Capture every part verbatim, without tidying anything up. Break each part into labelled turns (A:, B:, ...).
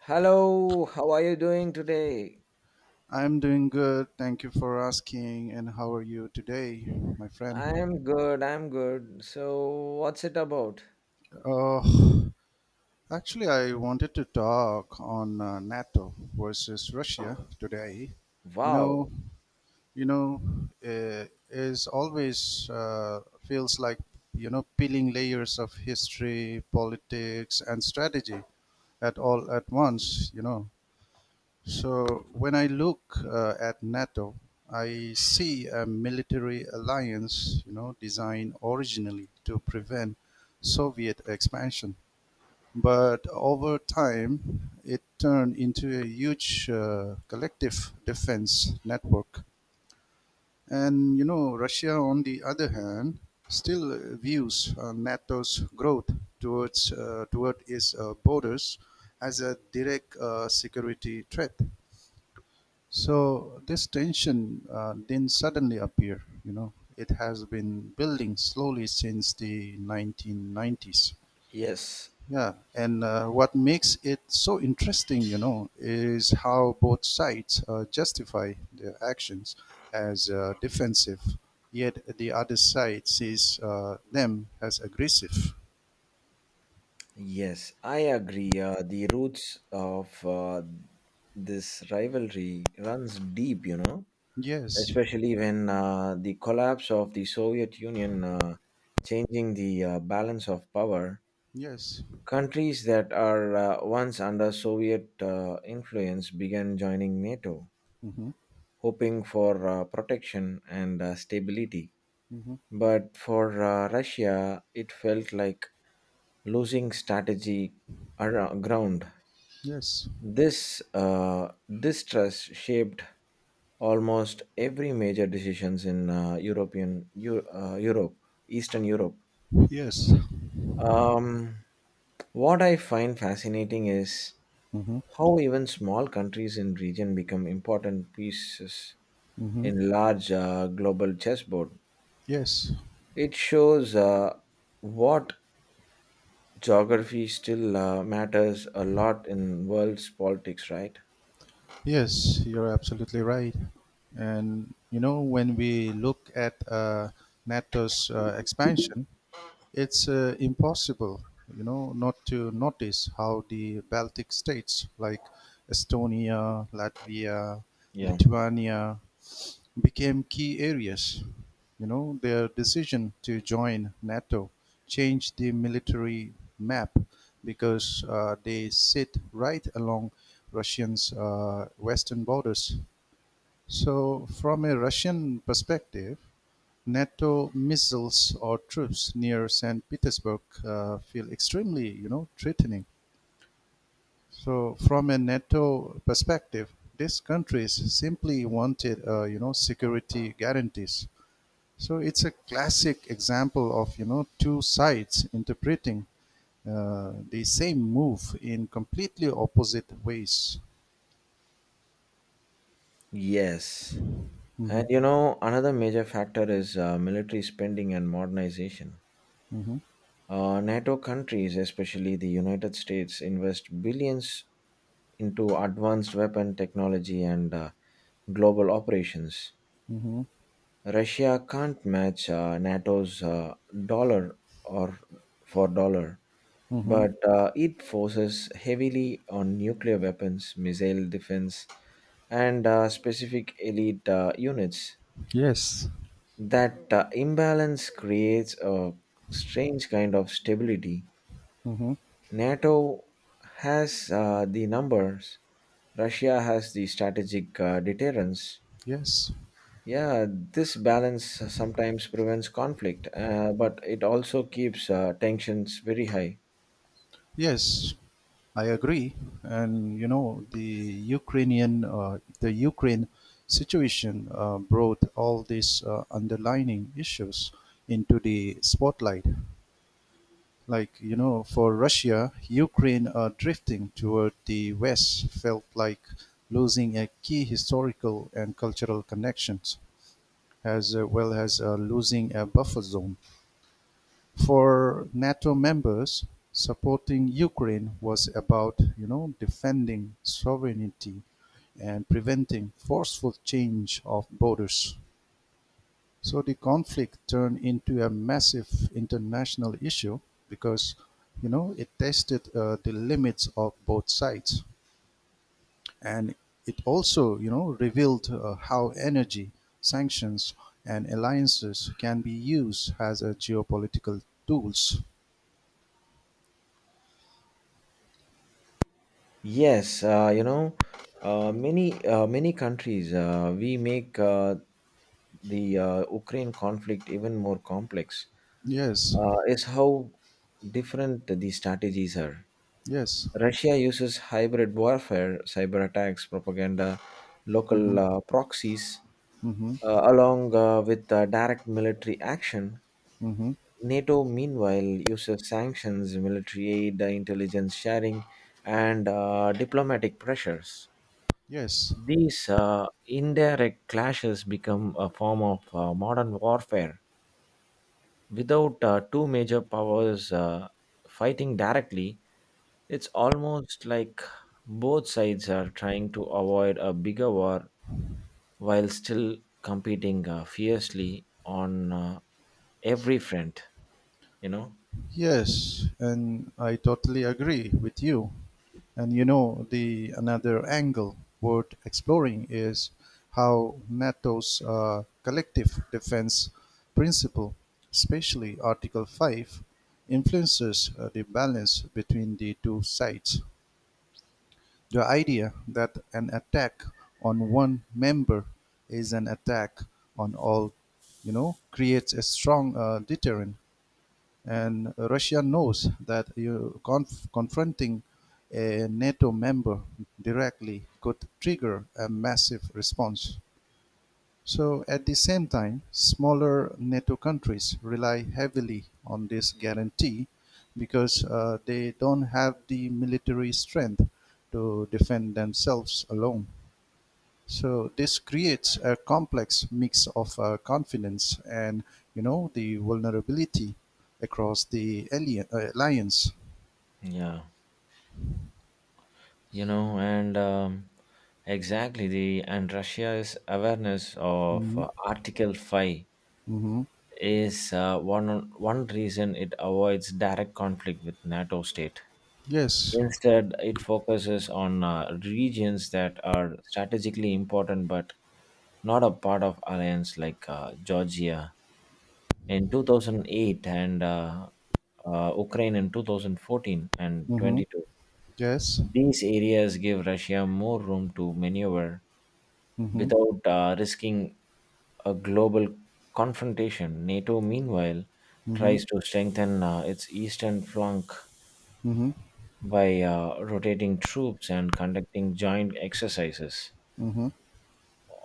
A: Hello, how are you doing today?
B: I'm doing good. Thank you for asking. And how are you today, my friend?
A: I'm good, I'm good. So, what's it about?
B: Oh, actually, I wanted to talk on uh, NATO versus Russia today. You
A: Wow.
B: know, you know, uh, is always uh, feels like you know peeling layers of history, politics, and strategy at all at once. You know, So when I look uh, at NATO, I see a military alliance, you know, designed originally to prevent Soviet expansion, but over time it turned into a huge uh, collective defense network. And you know, Russia, on the other hand, still views uh, NATO's growth towards uh, toward its uh, borders as a direct uh, security threat. So this tension uh, didn't suddenly appear, you know. It has been building slowly since the nineteen nineties.
A: Yes,
B: Yeah, and uh, what makes it so interesting, you know, is how both sides uh, justify their actions as uh, defensive, yet the other side sees uh, them as aggressive.
A: yes, I agree. Uh, the roots of uh, this rivalry runs deep, you know,
B: Yes.
A: especially when uh, the collapse of the Soviet Union uh, changing the uh, balance of power.
B: Yes.
A: Countries that are uh, once under Soviet uh, influence began joining NATO,
B: Hmm.
A: hoping for uh, protection and uh, stability.
B: Hmm.
A: But for uh, Russia, it felt like losing strategy around ground.
B: Yes.
A: This uh, distrust shaped almost every major decisions in uh, European Eu- uh, Europe, Eastern Europe.
B: Yes.
A: Um, what I find fascinating is
B: Hmm.
A: how even small countries in region become important pieces
B: Hmm.
A: in large uh, global chessboard.
B: Yes.
A: It shows uh, what geography still uh, matters a lot in world's politics, right?
B: Yes, you're absolutely right. And you know, when we look at uh, NATO's uh, expansion, it's uh, impossible, you know, not to notice how the Baltic states like Estonia, Latvia,
A: Yeah.
B: Lithuania, became key areas. You know, their decision to join NATO changed the military map because uh, they sit right along Russians' uh, western borders. So, from a Russian perspective, NATO missiles or troops near Saint Petersburg uh, feel extremely, you know, threatening. So, from a NATO perspective, these countries simply wanted, uh, you know, security guarantees. So it's a classic example of you know two sides interpreting uh, the same move in completely opposite ways.
A: Yes. And
B: Hmm.
A: you know, another major factor is uh, military spending and modernization.
B: Hmm.
A: Uh, NATO countries, especially the United States, invest billions into advanced weapon technology and uh, global operations.
B: Hmm.
A: Russia can't match uh, NATO's uh, dollar or for dollar,
B: Hmm.
A: but uh, it forces heavily on nuclear weapons, missile defense, and uh, specific elite uh, units.
B: Yes.
A: That uh, imbalance creates a strange kind of stability.
B: Hmm.
A: NATO has uh, the numbers, Russia has the strategic uh, deterrence.
B: Yes.
A: Yeah, this balance sometimes prevents conflict, uh, but it also keeps uh, tensions very high.
B: Yes. I agree, and you know the Ukrainian, uh, the Ukraine situation uh, brought all these uh, underlining issues into the spotlight. Like, you know for russia, ukraine uh, drifting toward the west felt like losing a key historical and cultural connections as uh, well as uh, losing a buffer zone. For nato members, supporting ukraine was about you know defending sovereignty and preventing forceful change of borders. So the conflict turned into a massive international issue because, you know, it tested uh, the limits of both sides. And it also, you know, revealed uh, how energy, sanctions, and alliances can be used as a geopolitical tools.
A: Yes, uh, you know, uh, many uh, many countries uh, we make uh, the uh, Ukraine conflict even more complex.
B: Yes.
A: Uh, is how different the strategies are.
B: Yes.
A: Russia uses hybrid warfare, cyber attacks, propaganda, local
B: Hmm.
A: uh, proxies,
B: Hmm.
A: uh, along uh, with uh, direct military action.
B: Hmm.
A: NATO, meanwhile, uses sanctions, military aid, uh, intelligence sharing, and uh, diplomatic pressures.
B: Yes.
A: These uh, indirect clashes become a form of uh, modern warfare. Without uh, two major powers uh, fighting directly, it's almost like both sides are trying to avoid a bigger war while still competing uh, fiercely on uh, every front, you know?
B: Yes, and I totally agree with you. And you know, the another angle worth exploring is how NATO's uh, collective defense principle, especially Article five, influences uh, the balance between the two sides. The idea that an attack on one member is an attack on all, you know, creates a strong uh, deterrent, and Russia knows that you conf- confronting a NATO member directly could trigger a massive response. So, at the same time, smaller NATO countries rely heavily on this guarantee because uh, they don't have the military strength to defend themselves alone. So this creates a complex mix of uh, confidence and you know the vulnerability across the alien, uh, alliance.
A: Yeah. you know and um, Exactly, the and Russia's awareness of uh,
B: Mm-hmm.
A: article five
B: Mm-hmm.
A: is uh, one one reason it avoids direct conflict with NATO state.
B: Yes.
A: Instead, it focuses on uh, regions that are strategically important but not a part of alliance, like uh, Georgia in two thousand eight and uh, uh, Ukraine in twenty fourteen and
B: Mm-hmm.
A: twenty two.
B: Yes.
A: These areas give Russia more room to maneuver
B: Mm-hmm.
A: without uh, risking a global confrontation. NATO, meanwhile,
B: Mm-hmm.
A: tries to strengthen uh, its eastern flank
B: Mm-hmm.
A: by uh, rotating troops and conducting joint exercises.
B: Mm-hmm.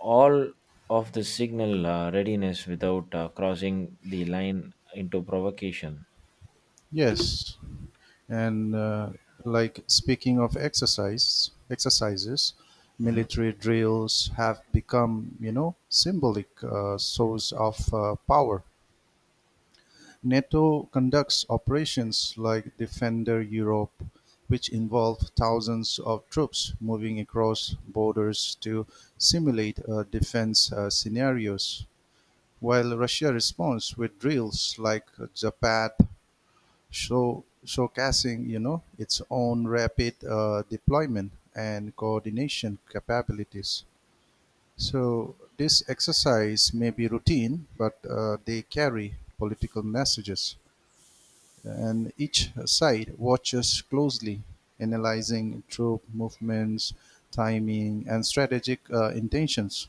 A: All of the signal uh, readiness without uh, crossing the line into provocation.
B: Yes. And uh, like speaking of exercise exercises, military drills have become you know symbolic uh, source of uh, power. NATO conducts operations like Defender Europe, which involve thousands of troops moving across borders to simulate uh, defense uh, scenarios, while Russia responds with drills like Zapad, show, showcasing you know its own rapid uh, deployment and coordination capabilities. So this exercise may be routine, but uh, they carry political messages, and each side watches closely, analyzing troop movements, timing, and strategic uh, intentions.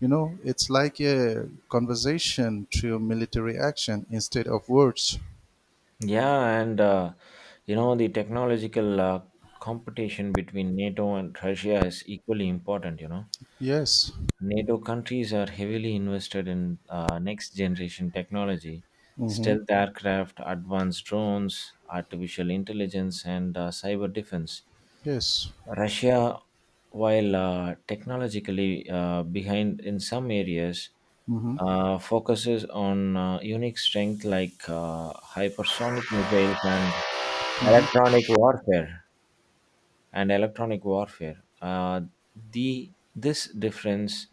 B: You know, it's like a conversation through military action instead of words.
A: Yeah, and uh, you know, the technological uh, competition between NATO and Russia is equally important. You know,
B: Yes.
A: NATO countries are heavily invested in uh, next generation technology,
B: Mm-hmm.
A: stealth aircraft, advanced drones, artificial intelligence, and uh, cyber defense.
B: Yes.
A: Russia, while uh, technologically uh, behind in some areas,
B: Mm-hmm.
A: uh, focuses on uh, unique strength like uh, hypersonic missiles and electronic warfare and electronic warfare. Uh, the This difference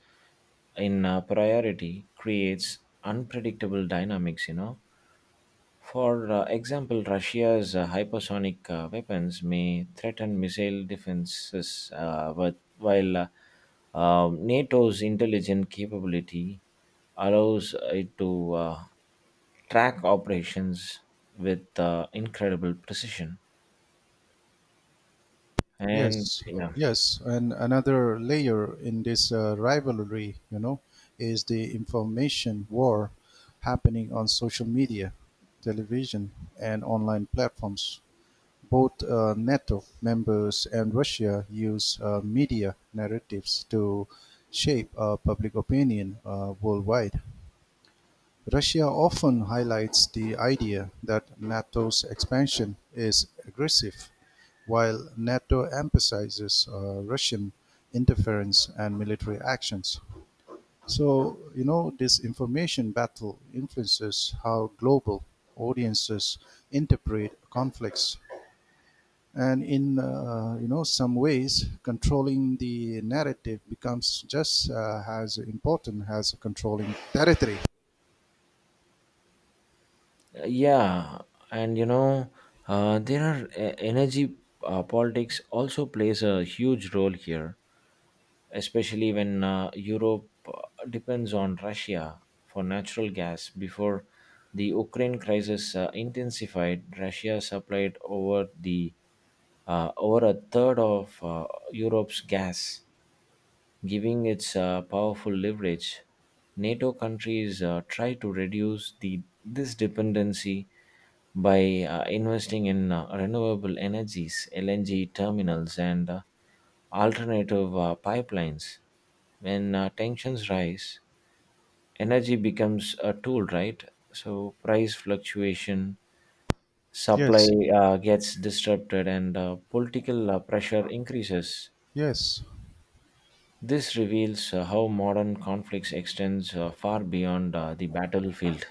A: in uh, priority creates unpredictable dynamics, you know. For uh, example, Russia's uh, hypersonic uh, weapons may threaten missile defenses, uh, but while uh, um, NATO's intelligent capability allows it to uh, track operations with uh, incredible precision. And
B: Yes.
A: yeah.
B: Yes. And another layer in this uh, rivalry, you know, is the information war happening on social media, television, and online platforms. Both uh, NATO members and Russia use uh, media narratives to shape uh, public opinion uh, worldwide. Russia often highlights the idea that NATO's expansion is aggressive, while NATO emphasizes uh, Russian interference and military actions. So, you know, this information battle influences how global audiences interpret conflicts, and in uh, you know some ways controlling the narrative becomes just uh, as important as controlling territory.
A: Yeah, and you know, uh, there are e- energy uh, politics also plays a huge role here, especially when uh, Europe uh, depends on Russia for natural gas. Before the Ukraine crisis uh, intensified, Russia supplied over the uh, over a third of uh, Europe's gas, giving its uh, powerful leverage. NATO countries uh, try to reduce the this dependency by uh, investing in uh, renewable energies, L N G terminals, and uh, alternative uh, pipelines. When uh, tensions rise, energy becomes a tool, right? So price fluctuation, supply
B: Yes.
A: uh, gets disrupted, and uh, political uh, pressure increases.
B: Yes.
A: This reveals uh, how modern conflicts extends uh, far beyond uh, the battlefield.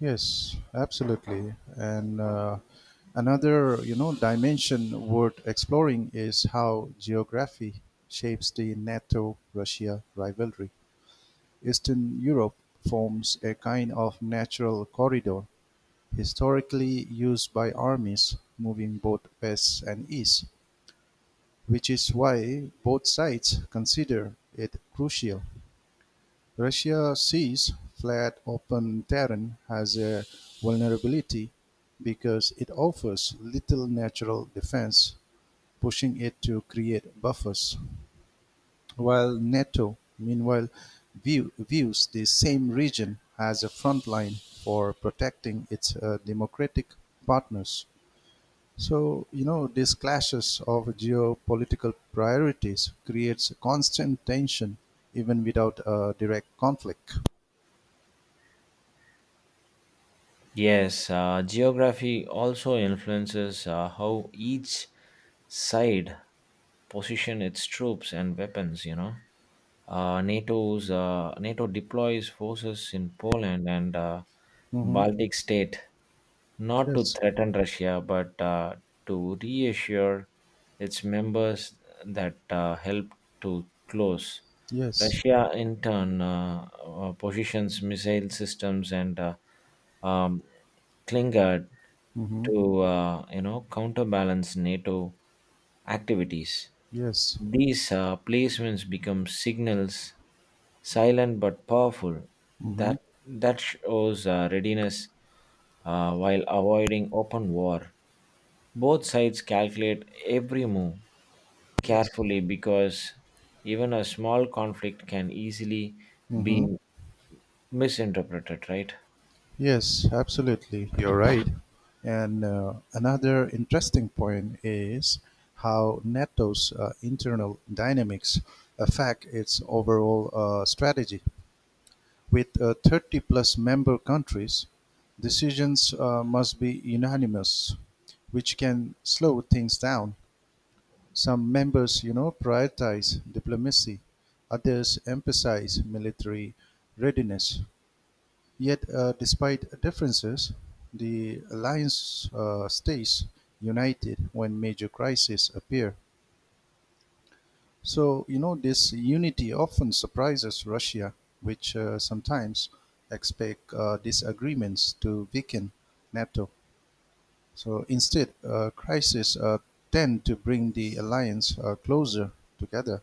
B: Yes, absolutely. And uh, another you know dimension worth exploring is how geography shapes the nato russia rivalry. Eastern europe forms a kind of natural corridor historically used by armies moving both west and east, which is why both sides consider it crucial. Russia sees flat open terrain as a vulnerability because it offers little natural defense, pushing it to create buffers, while NATO, meanwhile, view, views the same region as a front line for protecting its uh, democratic partners. So, you know, these clashes of geopolitical priorities creates a constant tension even without a direct conflict.
A: Yes, uh, geography also influences uh, how each side position its troops and weapons. You know, uh, NATO's uh, NATO deploys forces in Poland and uh,
B: Mm-hmm.
A: Baltic state, not to
B: Yes.
A: threaten Russia, but uh, to reassure its members that uh, help to close.
B: Yes.
A: Russia, in turn, uh, uh, positions missile systems and uh, um, Klingard
B: Mm-hmm.
A: to uh, you know counterbalance NATO activities.
B: Yes.
A: These uh, placements become signals, silent but powerful.
B: Mm-hmm.
A: That that shows uh, readiness uh, while avoiding open war. Both sides calculate every move
B: Yes.
A: carefully, because even a small conflict can easily
B: Mm-hmm.
A: be misinterpreted, right?
B: Yes, absolutely. You're right. And uh, another interesting point is how NATO's uh, internal dynamics affect its overall uh, strategy. With uh, thirty-plus member countries, decisions uh, must be unanimous, which can slow things down. Some members, you know, prioritize diplomacy; others emphasize military readiness. Yet, uh, despite differences, the alliance uh, stays united when major crises appear. So, you know, this unity often surprises Russia, which uh, sometimes expect uh, disagreements to weaken NATO. So instead, uh, crises uh, tend to bring the alliance uh, closer together.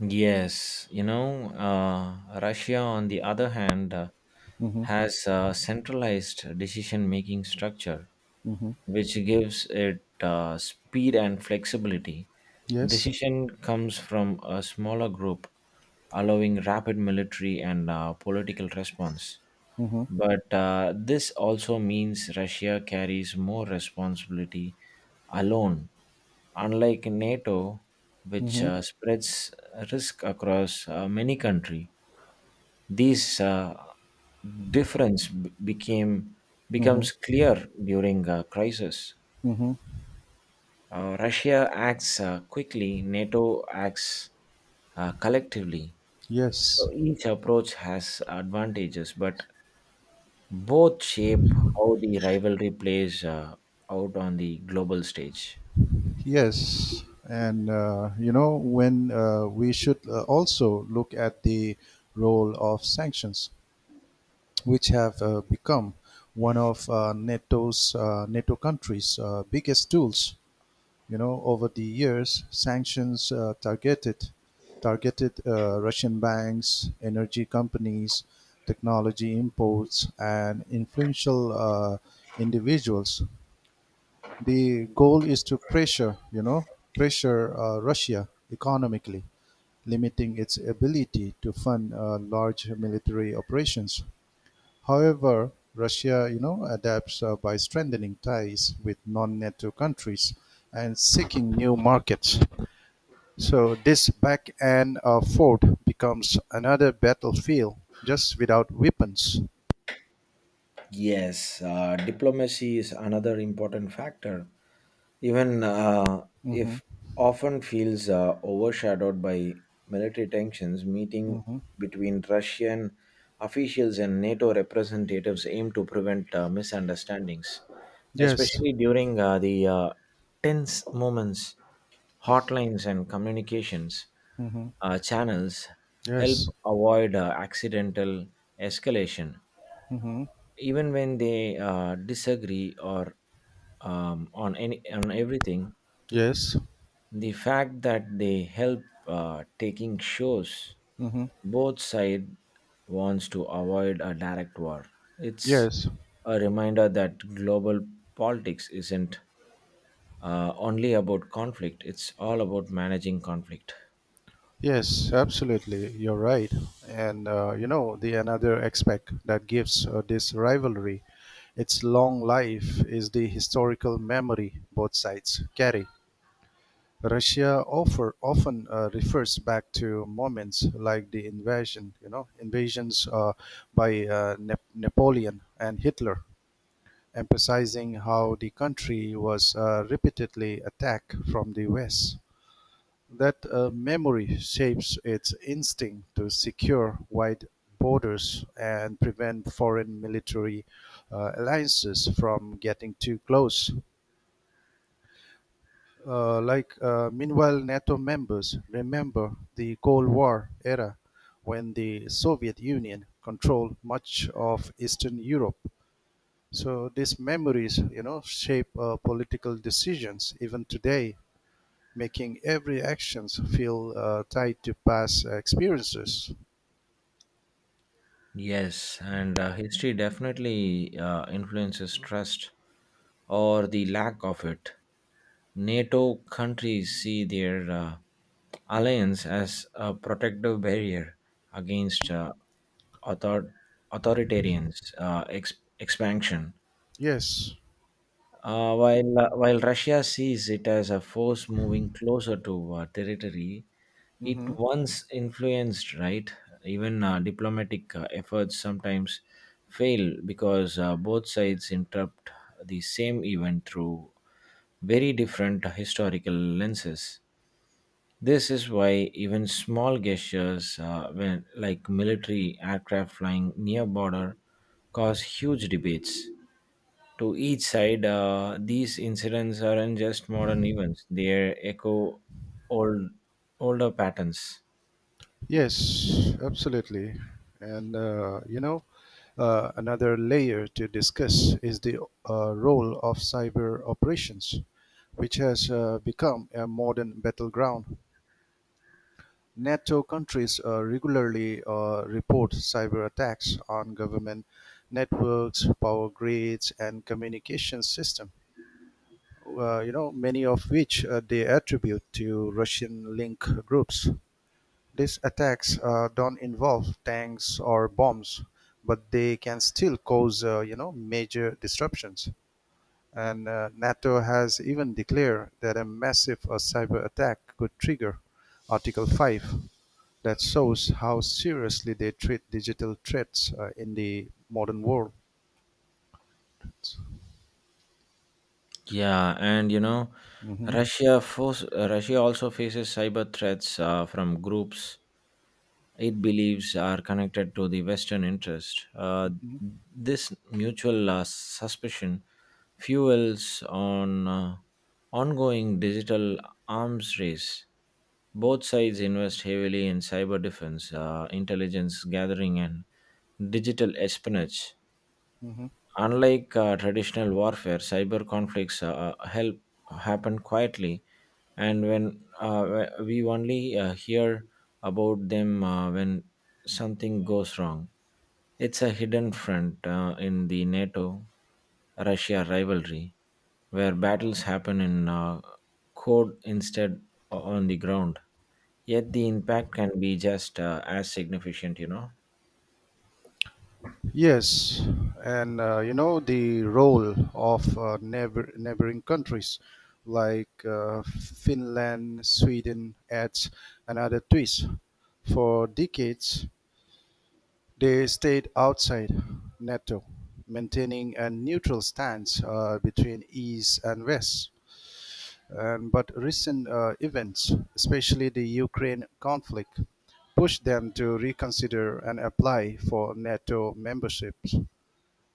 A: Yes, you know, uh, Russia, on the other hand, uh,
B: Hmm.
A: has a centralized decision making structure,
B: Hmm.
A: which gives it uh, speed and flexibility.
B: Yes.
A: Decision comes from a smaller group, allowing rapid military and uh, political response.
B: Hmm.
A: But uh, this also means Russia carries more responsibility alone, unlike NATO, which
B: Hmm.
A: uh, spreads risk across uh, many countries. This uh, difference b- became
B: Hmm.
A: becomes clear during a crisis.
B: Hmm.
A: Uh, Russia acts uh, quickly; NATO acts uh, collectively.
B: Yes.
A: So each approach has advantages, but both shape how the rivalry plays uh, out on the global stage.
B: Yes. And, uh, you know, when uh, we should uh, also look at the role of sanctions, which have uh, become one of uh, NATO's uh, NATO countries' uh, biggest tools. You know, over the years, sanctions uh, targeted targeted uh, Russian banks, energy companies, technology imports, and influential uh, individuals. The goal is to pressure, you know, pressure uh, Russia economically, limiting its ability to fund uh, large military operations. However, Russia, you know, adapts uh, by strengthening ties with non-NATO countries and seeking new markets. So this back and uh, forth becomes another battlefield, just without weapons.
A: Yes, uh, diplomacy is another important factor, even uh,
B: Hmm.
A: if often feels uh, overshadowed by military tensions. Meeting
B: Hmm.
A: between Russian officials and NATO representatives aim to prevent uh, misunderstandings,
B: Yes.
A: especially during uh, the uh, tense moments. Hotlines and communications
B: Hmm.
A: uh, channels help
B: Yes.
A: avoid uh, accidental escalation,
B: Hmm.
A: even when they uh, disagree or um, on any on everything.
B: Yes.
A: The fact that they help uh, taking shows
B: Hmm.
A: both side wants to avoid a direct war. It's
B: Yes.
A: a reminder that global politics isn't uh, only about conflict, it's all about managing conflict.
B: Yes, absolutely. You're right. And uh, you know, the another aspect that gives uh, this rivalry its long life is the historical memory both sides carry. Russia offer, often uh, refers back to moments like the invasion, you know, invasions uh, by uh, Nap Napoleon and Hitler, emphasizing how the country was uh, repeatedly attacked from the West. That uh, memory shapes its instinct to secure wide borders and prevent foreign military uh, alliances from getting too close. Uh, like uh, meanwhile, NATO members remember the Cold War era when the Soviet Union controlled much of Eastern Europe. So these memories, you know, shape uh, political decisions even today, making every actions feel uh, tied to past experiences.
A: Yes, and uh, history definitely uh, influences trust or the lack of it. NATO countries see their uh, alliance as a protective barrier against uh, author- authoritarians' uh, ex- expansion.
B: Yes.
A: Uh, while uh, while Russia sees it as a force moving closer to uh, territory, it
B: Hmm.
A: once influenced, right? Even uh, diplomatic uh, efforts sometimes fail because uh, both sides interpret the same event through very different historical lenses. This is why even small gestures, uh, when, like military aircraft flying near border, cause huge debates. To each side, uh, these incidents aren't just modern events, they echo old, older patterns.
B: Yes, absolutely. And uh, you know, uh, another layer to discuss is the uh, role of cyber operations, which has uh, become a modern battleground. NATO countries uh, regularly uh, report cyber attacks on government networks, power grids, and communication systems, uh, you know, many of which uh, they attribute to Russian link groups. These attacks uh, don't involve tanks or bombs, but they can still cause, uh, you know, major disruptions. And uh, NATO has even declared that a massive uh, cyber attack could trigger Article five. That shows how seriously they treat digital threats uh, in the modern world.
A: Yeah, and you know,
B: Mhm.
A: Russia force, Russia also faces cyber threats uh, from groups it believes are connected to the Western interest. Uh,
B: Mhm.
A: this mutual uh, suspicion fuels on uh, ongoing digital arms race. Both sides invest heavily in cyber defense, uh, intelligence gathering, and digital espionage.
B: Mhm.
A: Unlike uh, traditional warfare, cyber conflicts uh, help happen quietly, and when uh, we only uh, hear about them uh, when something goes wrong. It's a hidden front uh, in the NATO Russia rivalry, where battles happen in uh, code instead o- on the ground. Yet the impact can be just uh, as significant, you know.
B: Yes, and uh, you know the role of uh, neighbor, neighboring countries like uh, Finland, Sweden adds another twist. For decades, they stayed outside NATO, maintaining a neutral stance uh, between East and West. And, but recent uh, events, especially the Ukraine conflict, pushed them to reconsider and apply for NATO membership.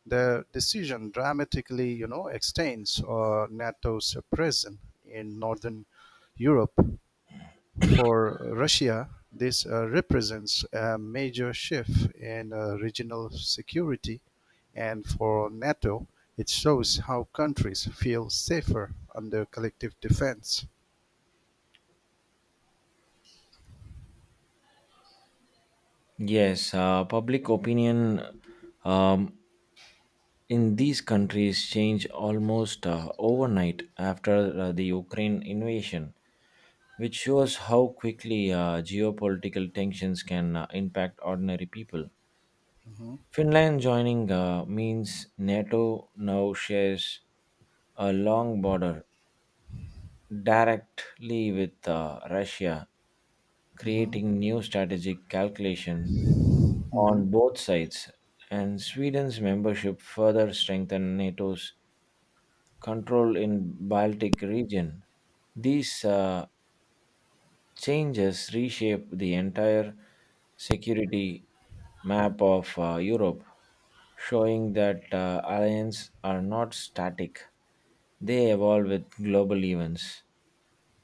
B: The decision dramatically, you know, extends uh, NATO's presence in northern Europe. For Russia, this uh, represents a major shift in uh, regional security, and for NATO, it shows how countries feel safer under collective defense.
A: Yes, uh, public opinion um, in these countries changed almost uh, overnight after uh, the Ukraine invasion, which shows how quickly uh, geopolitical tensions can uh, impact ordinary people.
B: Mhm.
A: Finland joining uh, means NATO now shares a long border directly with uh, Russia,
B: Mhm.
A: creating new strategic calculation
B: Mhm.
A: on both sides, and Sweden's membership further strengthened NATO's control in Baltic region. These uh, changes reshape the entire security map of uh, Europe, showing that uh, alliances are not static, they evolve with global events.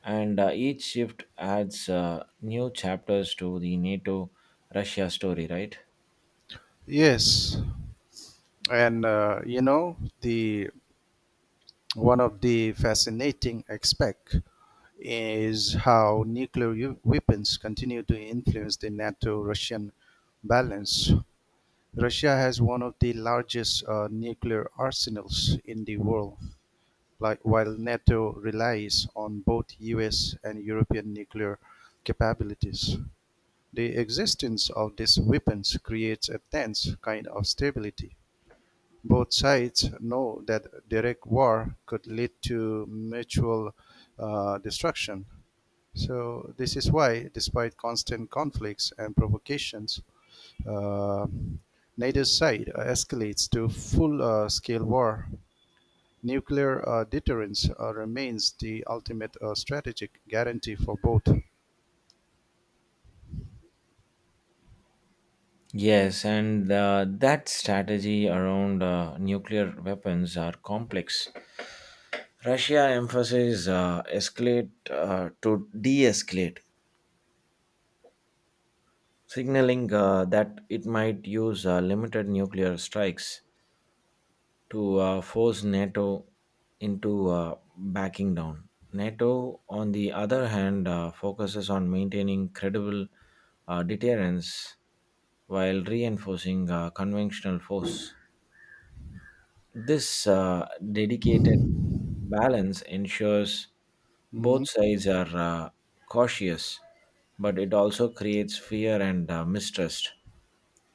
A: And uh, each shift adds uh, new chapters to the NATO Russia story, right?
B: Yes, and uh, you know the One of the fascinating aspects is how nuclear u- weapons continue to influence the NATO Russian balance. Russia has one of the largest uh, nuclear arsenals in the world, like, while NATO relies on both U S and European nuclear capabilities. The existence of these weapons creates a tense kind of stability. Both sides know that direct war could lead to mutual uh, destruction. So this is why, despite constant conflicts and provocations, uh, neither side escalates to full-scale uh, war. Nuclear uh, deterrence uh, remains the ultimate uh, strategic guarantee for both.
A: Yes, and uh, that strategy around uh, nuclear weapons are complex. Russia emphasizes uh, escalate uh, to de escalate, signaling uh, that it might use uh, limited nuclear strikes to uh, force NATO into uh, backing down. NATO, on the other hand, uh, focuses on maintaining credible uh, deterrence while reinforcing uh, conventional force. This uh, dedicated balance ensures both
B: Mhm.
A: sides are uh, cautious, but it also creates fear and uh, mistrust.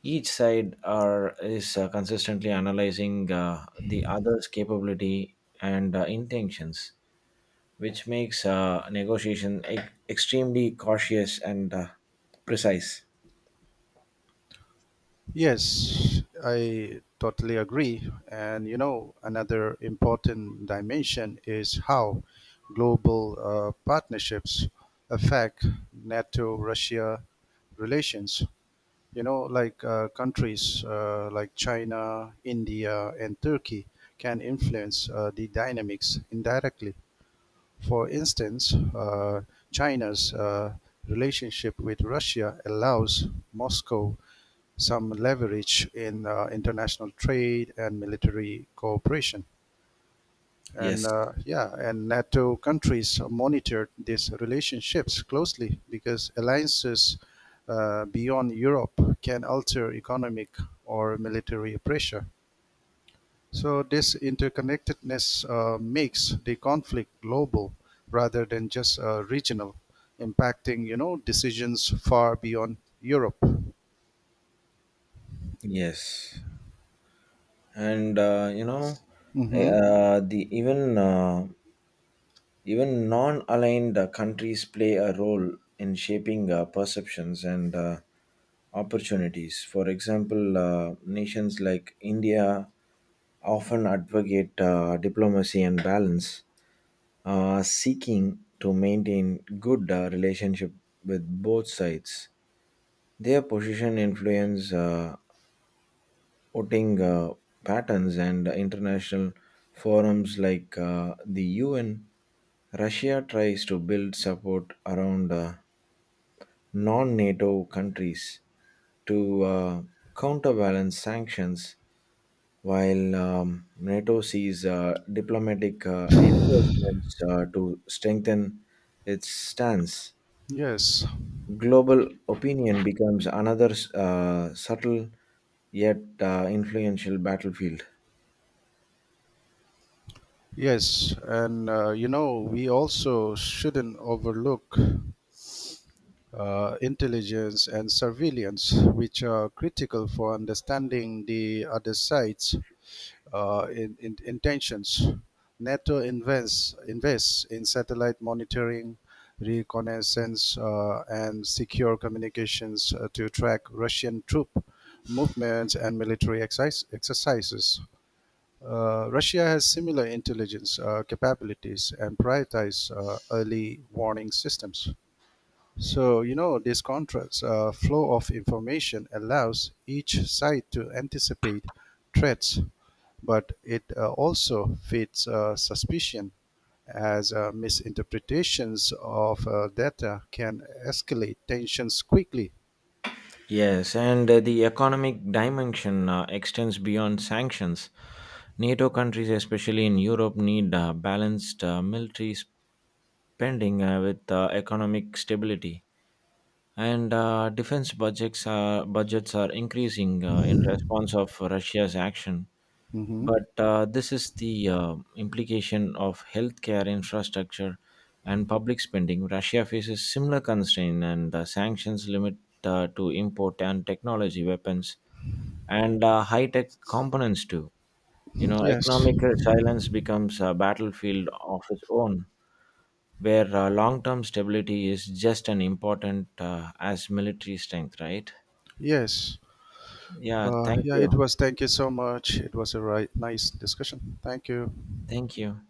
A: Each side are is uh, consistently analyzing uh, the other's capability and uh, intentions, which makes uh, negotiation e- extremely cautious and uh, precise.
B: Yes, I totally agree. And you know, another important dimension is how global uh, partnerships affect NATO Russia relations. You know, like uh, countries uh, like China, India, and Turkey can influence uh, the dynamics indirectly. For instance, uh, China's uh, relationship with Russia allows Moscow some leverage in uh, international trade and military cooperation. And
A: Yes.
B: uh, yeah, and NATO countries monitored these relationships closely because alliances uh, beyond Europe can alter economic or military pressure. So this interconnectedness uh, makes the conflict global rather than just uh, regional, impacting you know decisions far beyond Europe.
A: Yes, and uh, you know, eh,
B: Hmm.
A: uh, the even uh, Even non aligned countries play a role in shaping uh, perceptions and uh, opportunities. For example, uh, nations like India often advocate uh, diplomacy and balance, uh, seeking to maintain good uh, relationship with both sides. Their position influence uh, voting uh, patterns and international forums like uh, the U N. Russia tries to build support around uh, non NATO countries to uh, counterbalance sanctions, while um, NATO sees uh, diplomatic uh, endorsements uh, to strengthen its stance.
B: Yes.
A: Global opinion becomes another uh, subtle yet uh, influential battlefield.
B: Yes, and uh, you know, we also shouldn't overlook uh, intelligence and surveillance, which are critical for understanding the other side's uh, in, in, intentions. NATO invests, invests in satellite monitoring, reconnaissance, uh, and secure communications uh, to track Russian troop movements and military exercise, exercises. Uh, Russia has similar intelligence uh, capabilities and prioritize uh, early warning systems. So, you know, this contrast uh, flow of information allows each side to anticipate threats, but it uh, also feeds uh, suspicion as uh, misinterpretations of uh, data can escalate tensions quickly.
A: Yes, and uh, the economic dimension uh, extends beyond sanctions. NATO countries, especially in Europe, need uh, balanced uh, military spending uh, with uh, economic stability, and uh, defense budgets are, budgets are increasing uh, in response of Russia's action.
B: Mhm.
A: But uh, this is the uh, implication of healthcare infrastructure and public spending. Russia faces similar constraint, and uh, sanctions limit uh, to import and technology, weapons, and uh, high-tech components too. You know,
B: Yes.
A: economic silence becomes a battlefield of its own, where uh, long term stability is just as important uh, as military strength, right?
B: Yes.
A: Yeah,
B: Uh,
A: thank
B: yeah, it
A: you.
B: was. Thank you so much. It was a right, nice discussion. Thank you.
A: Thank you.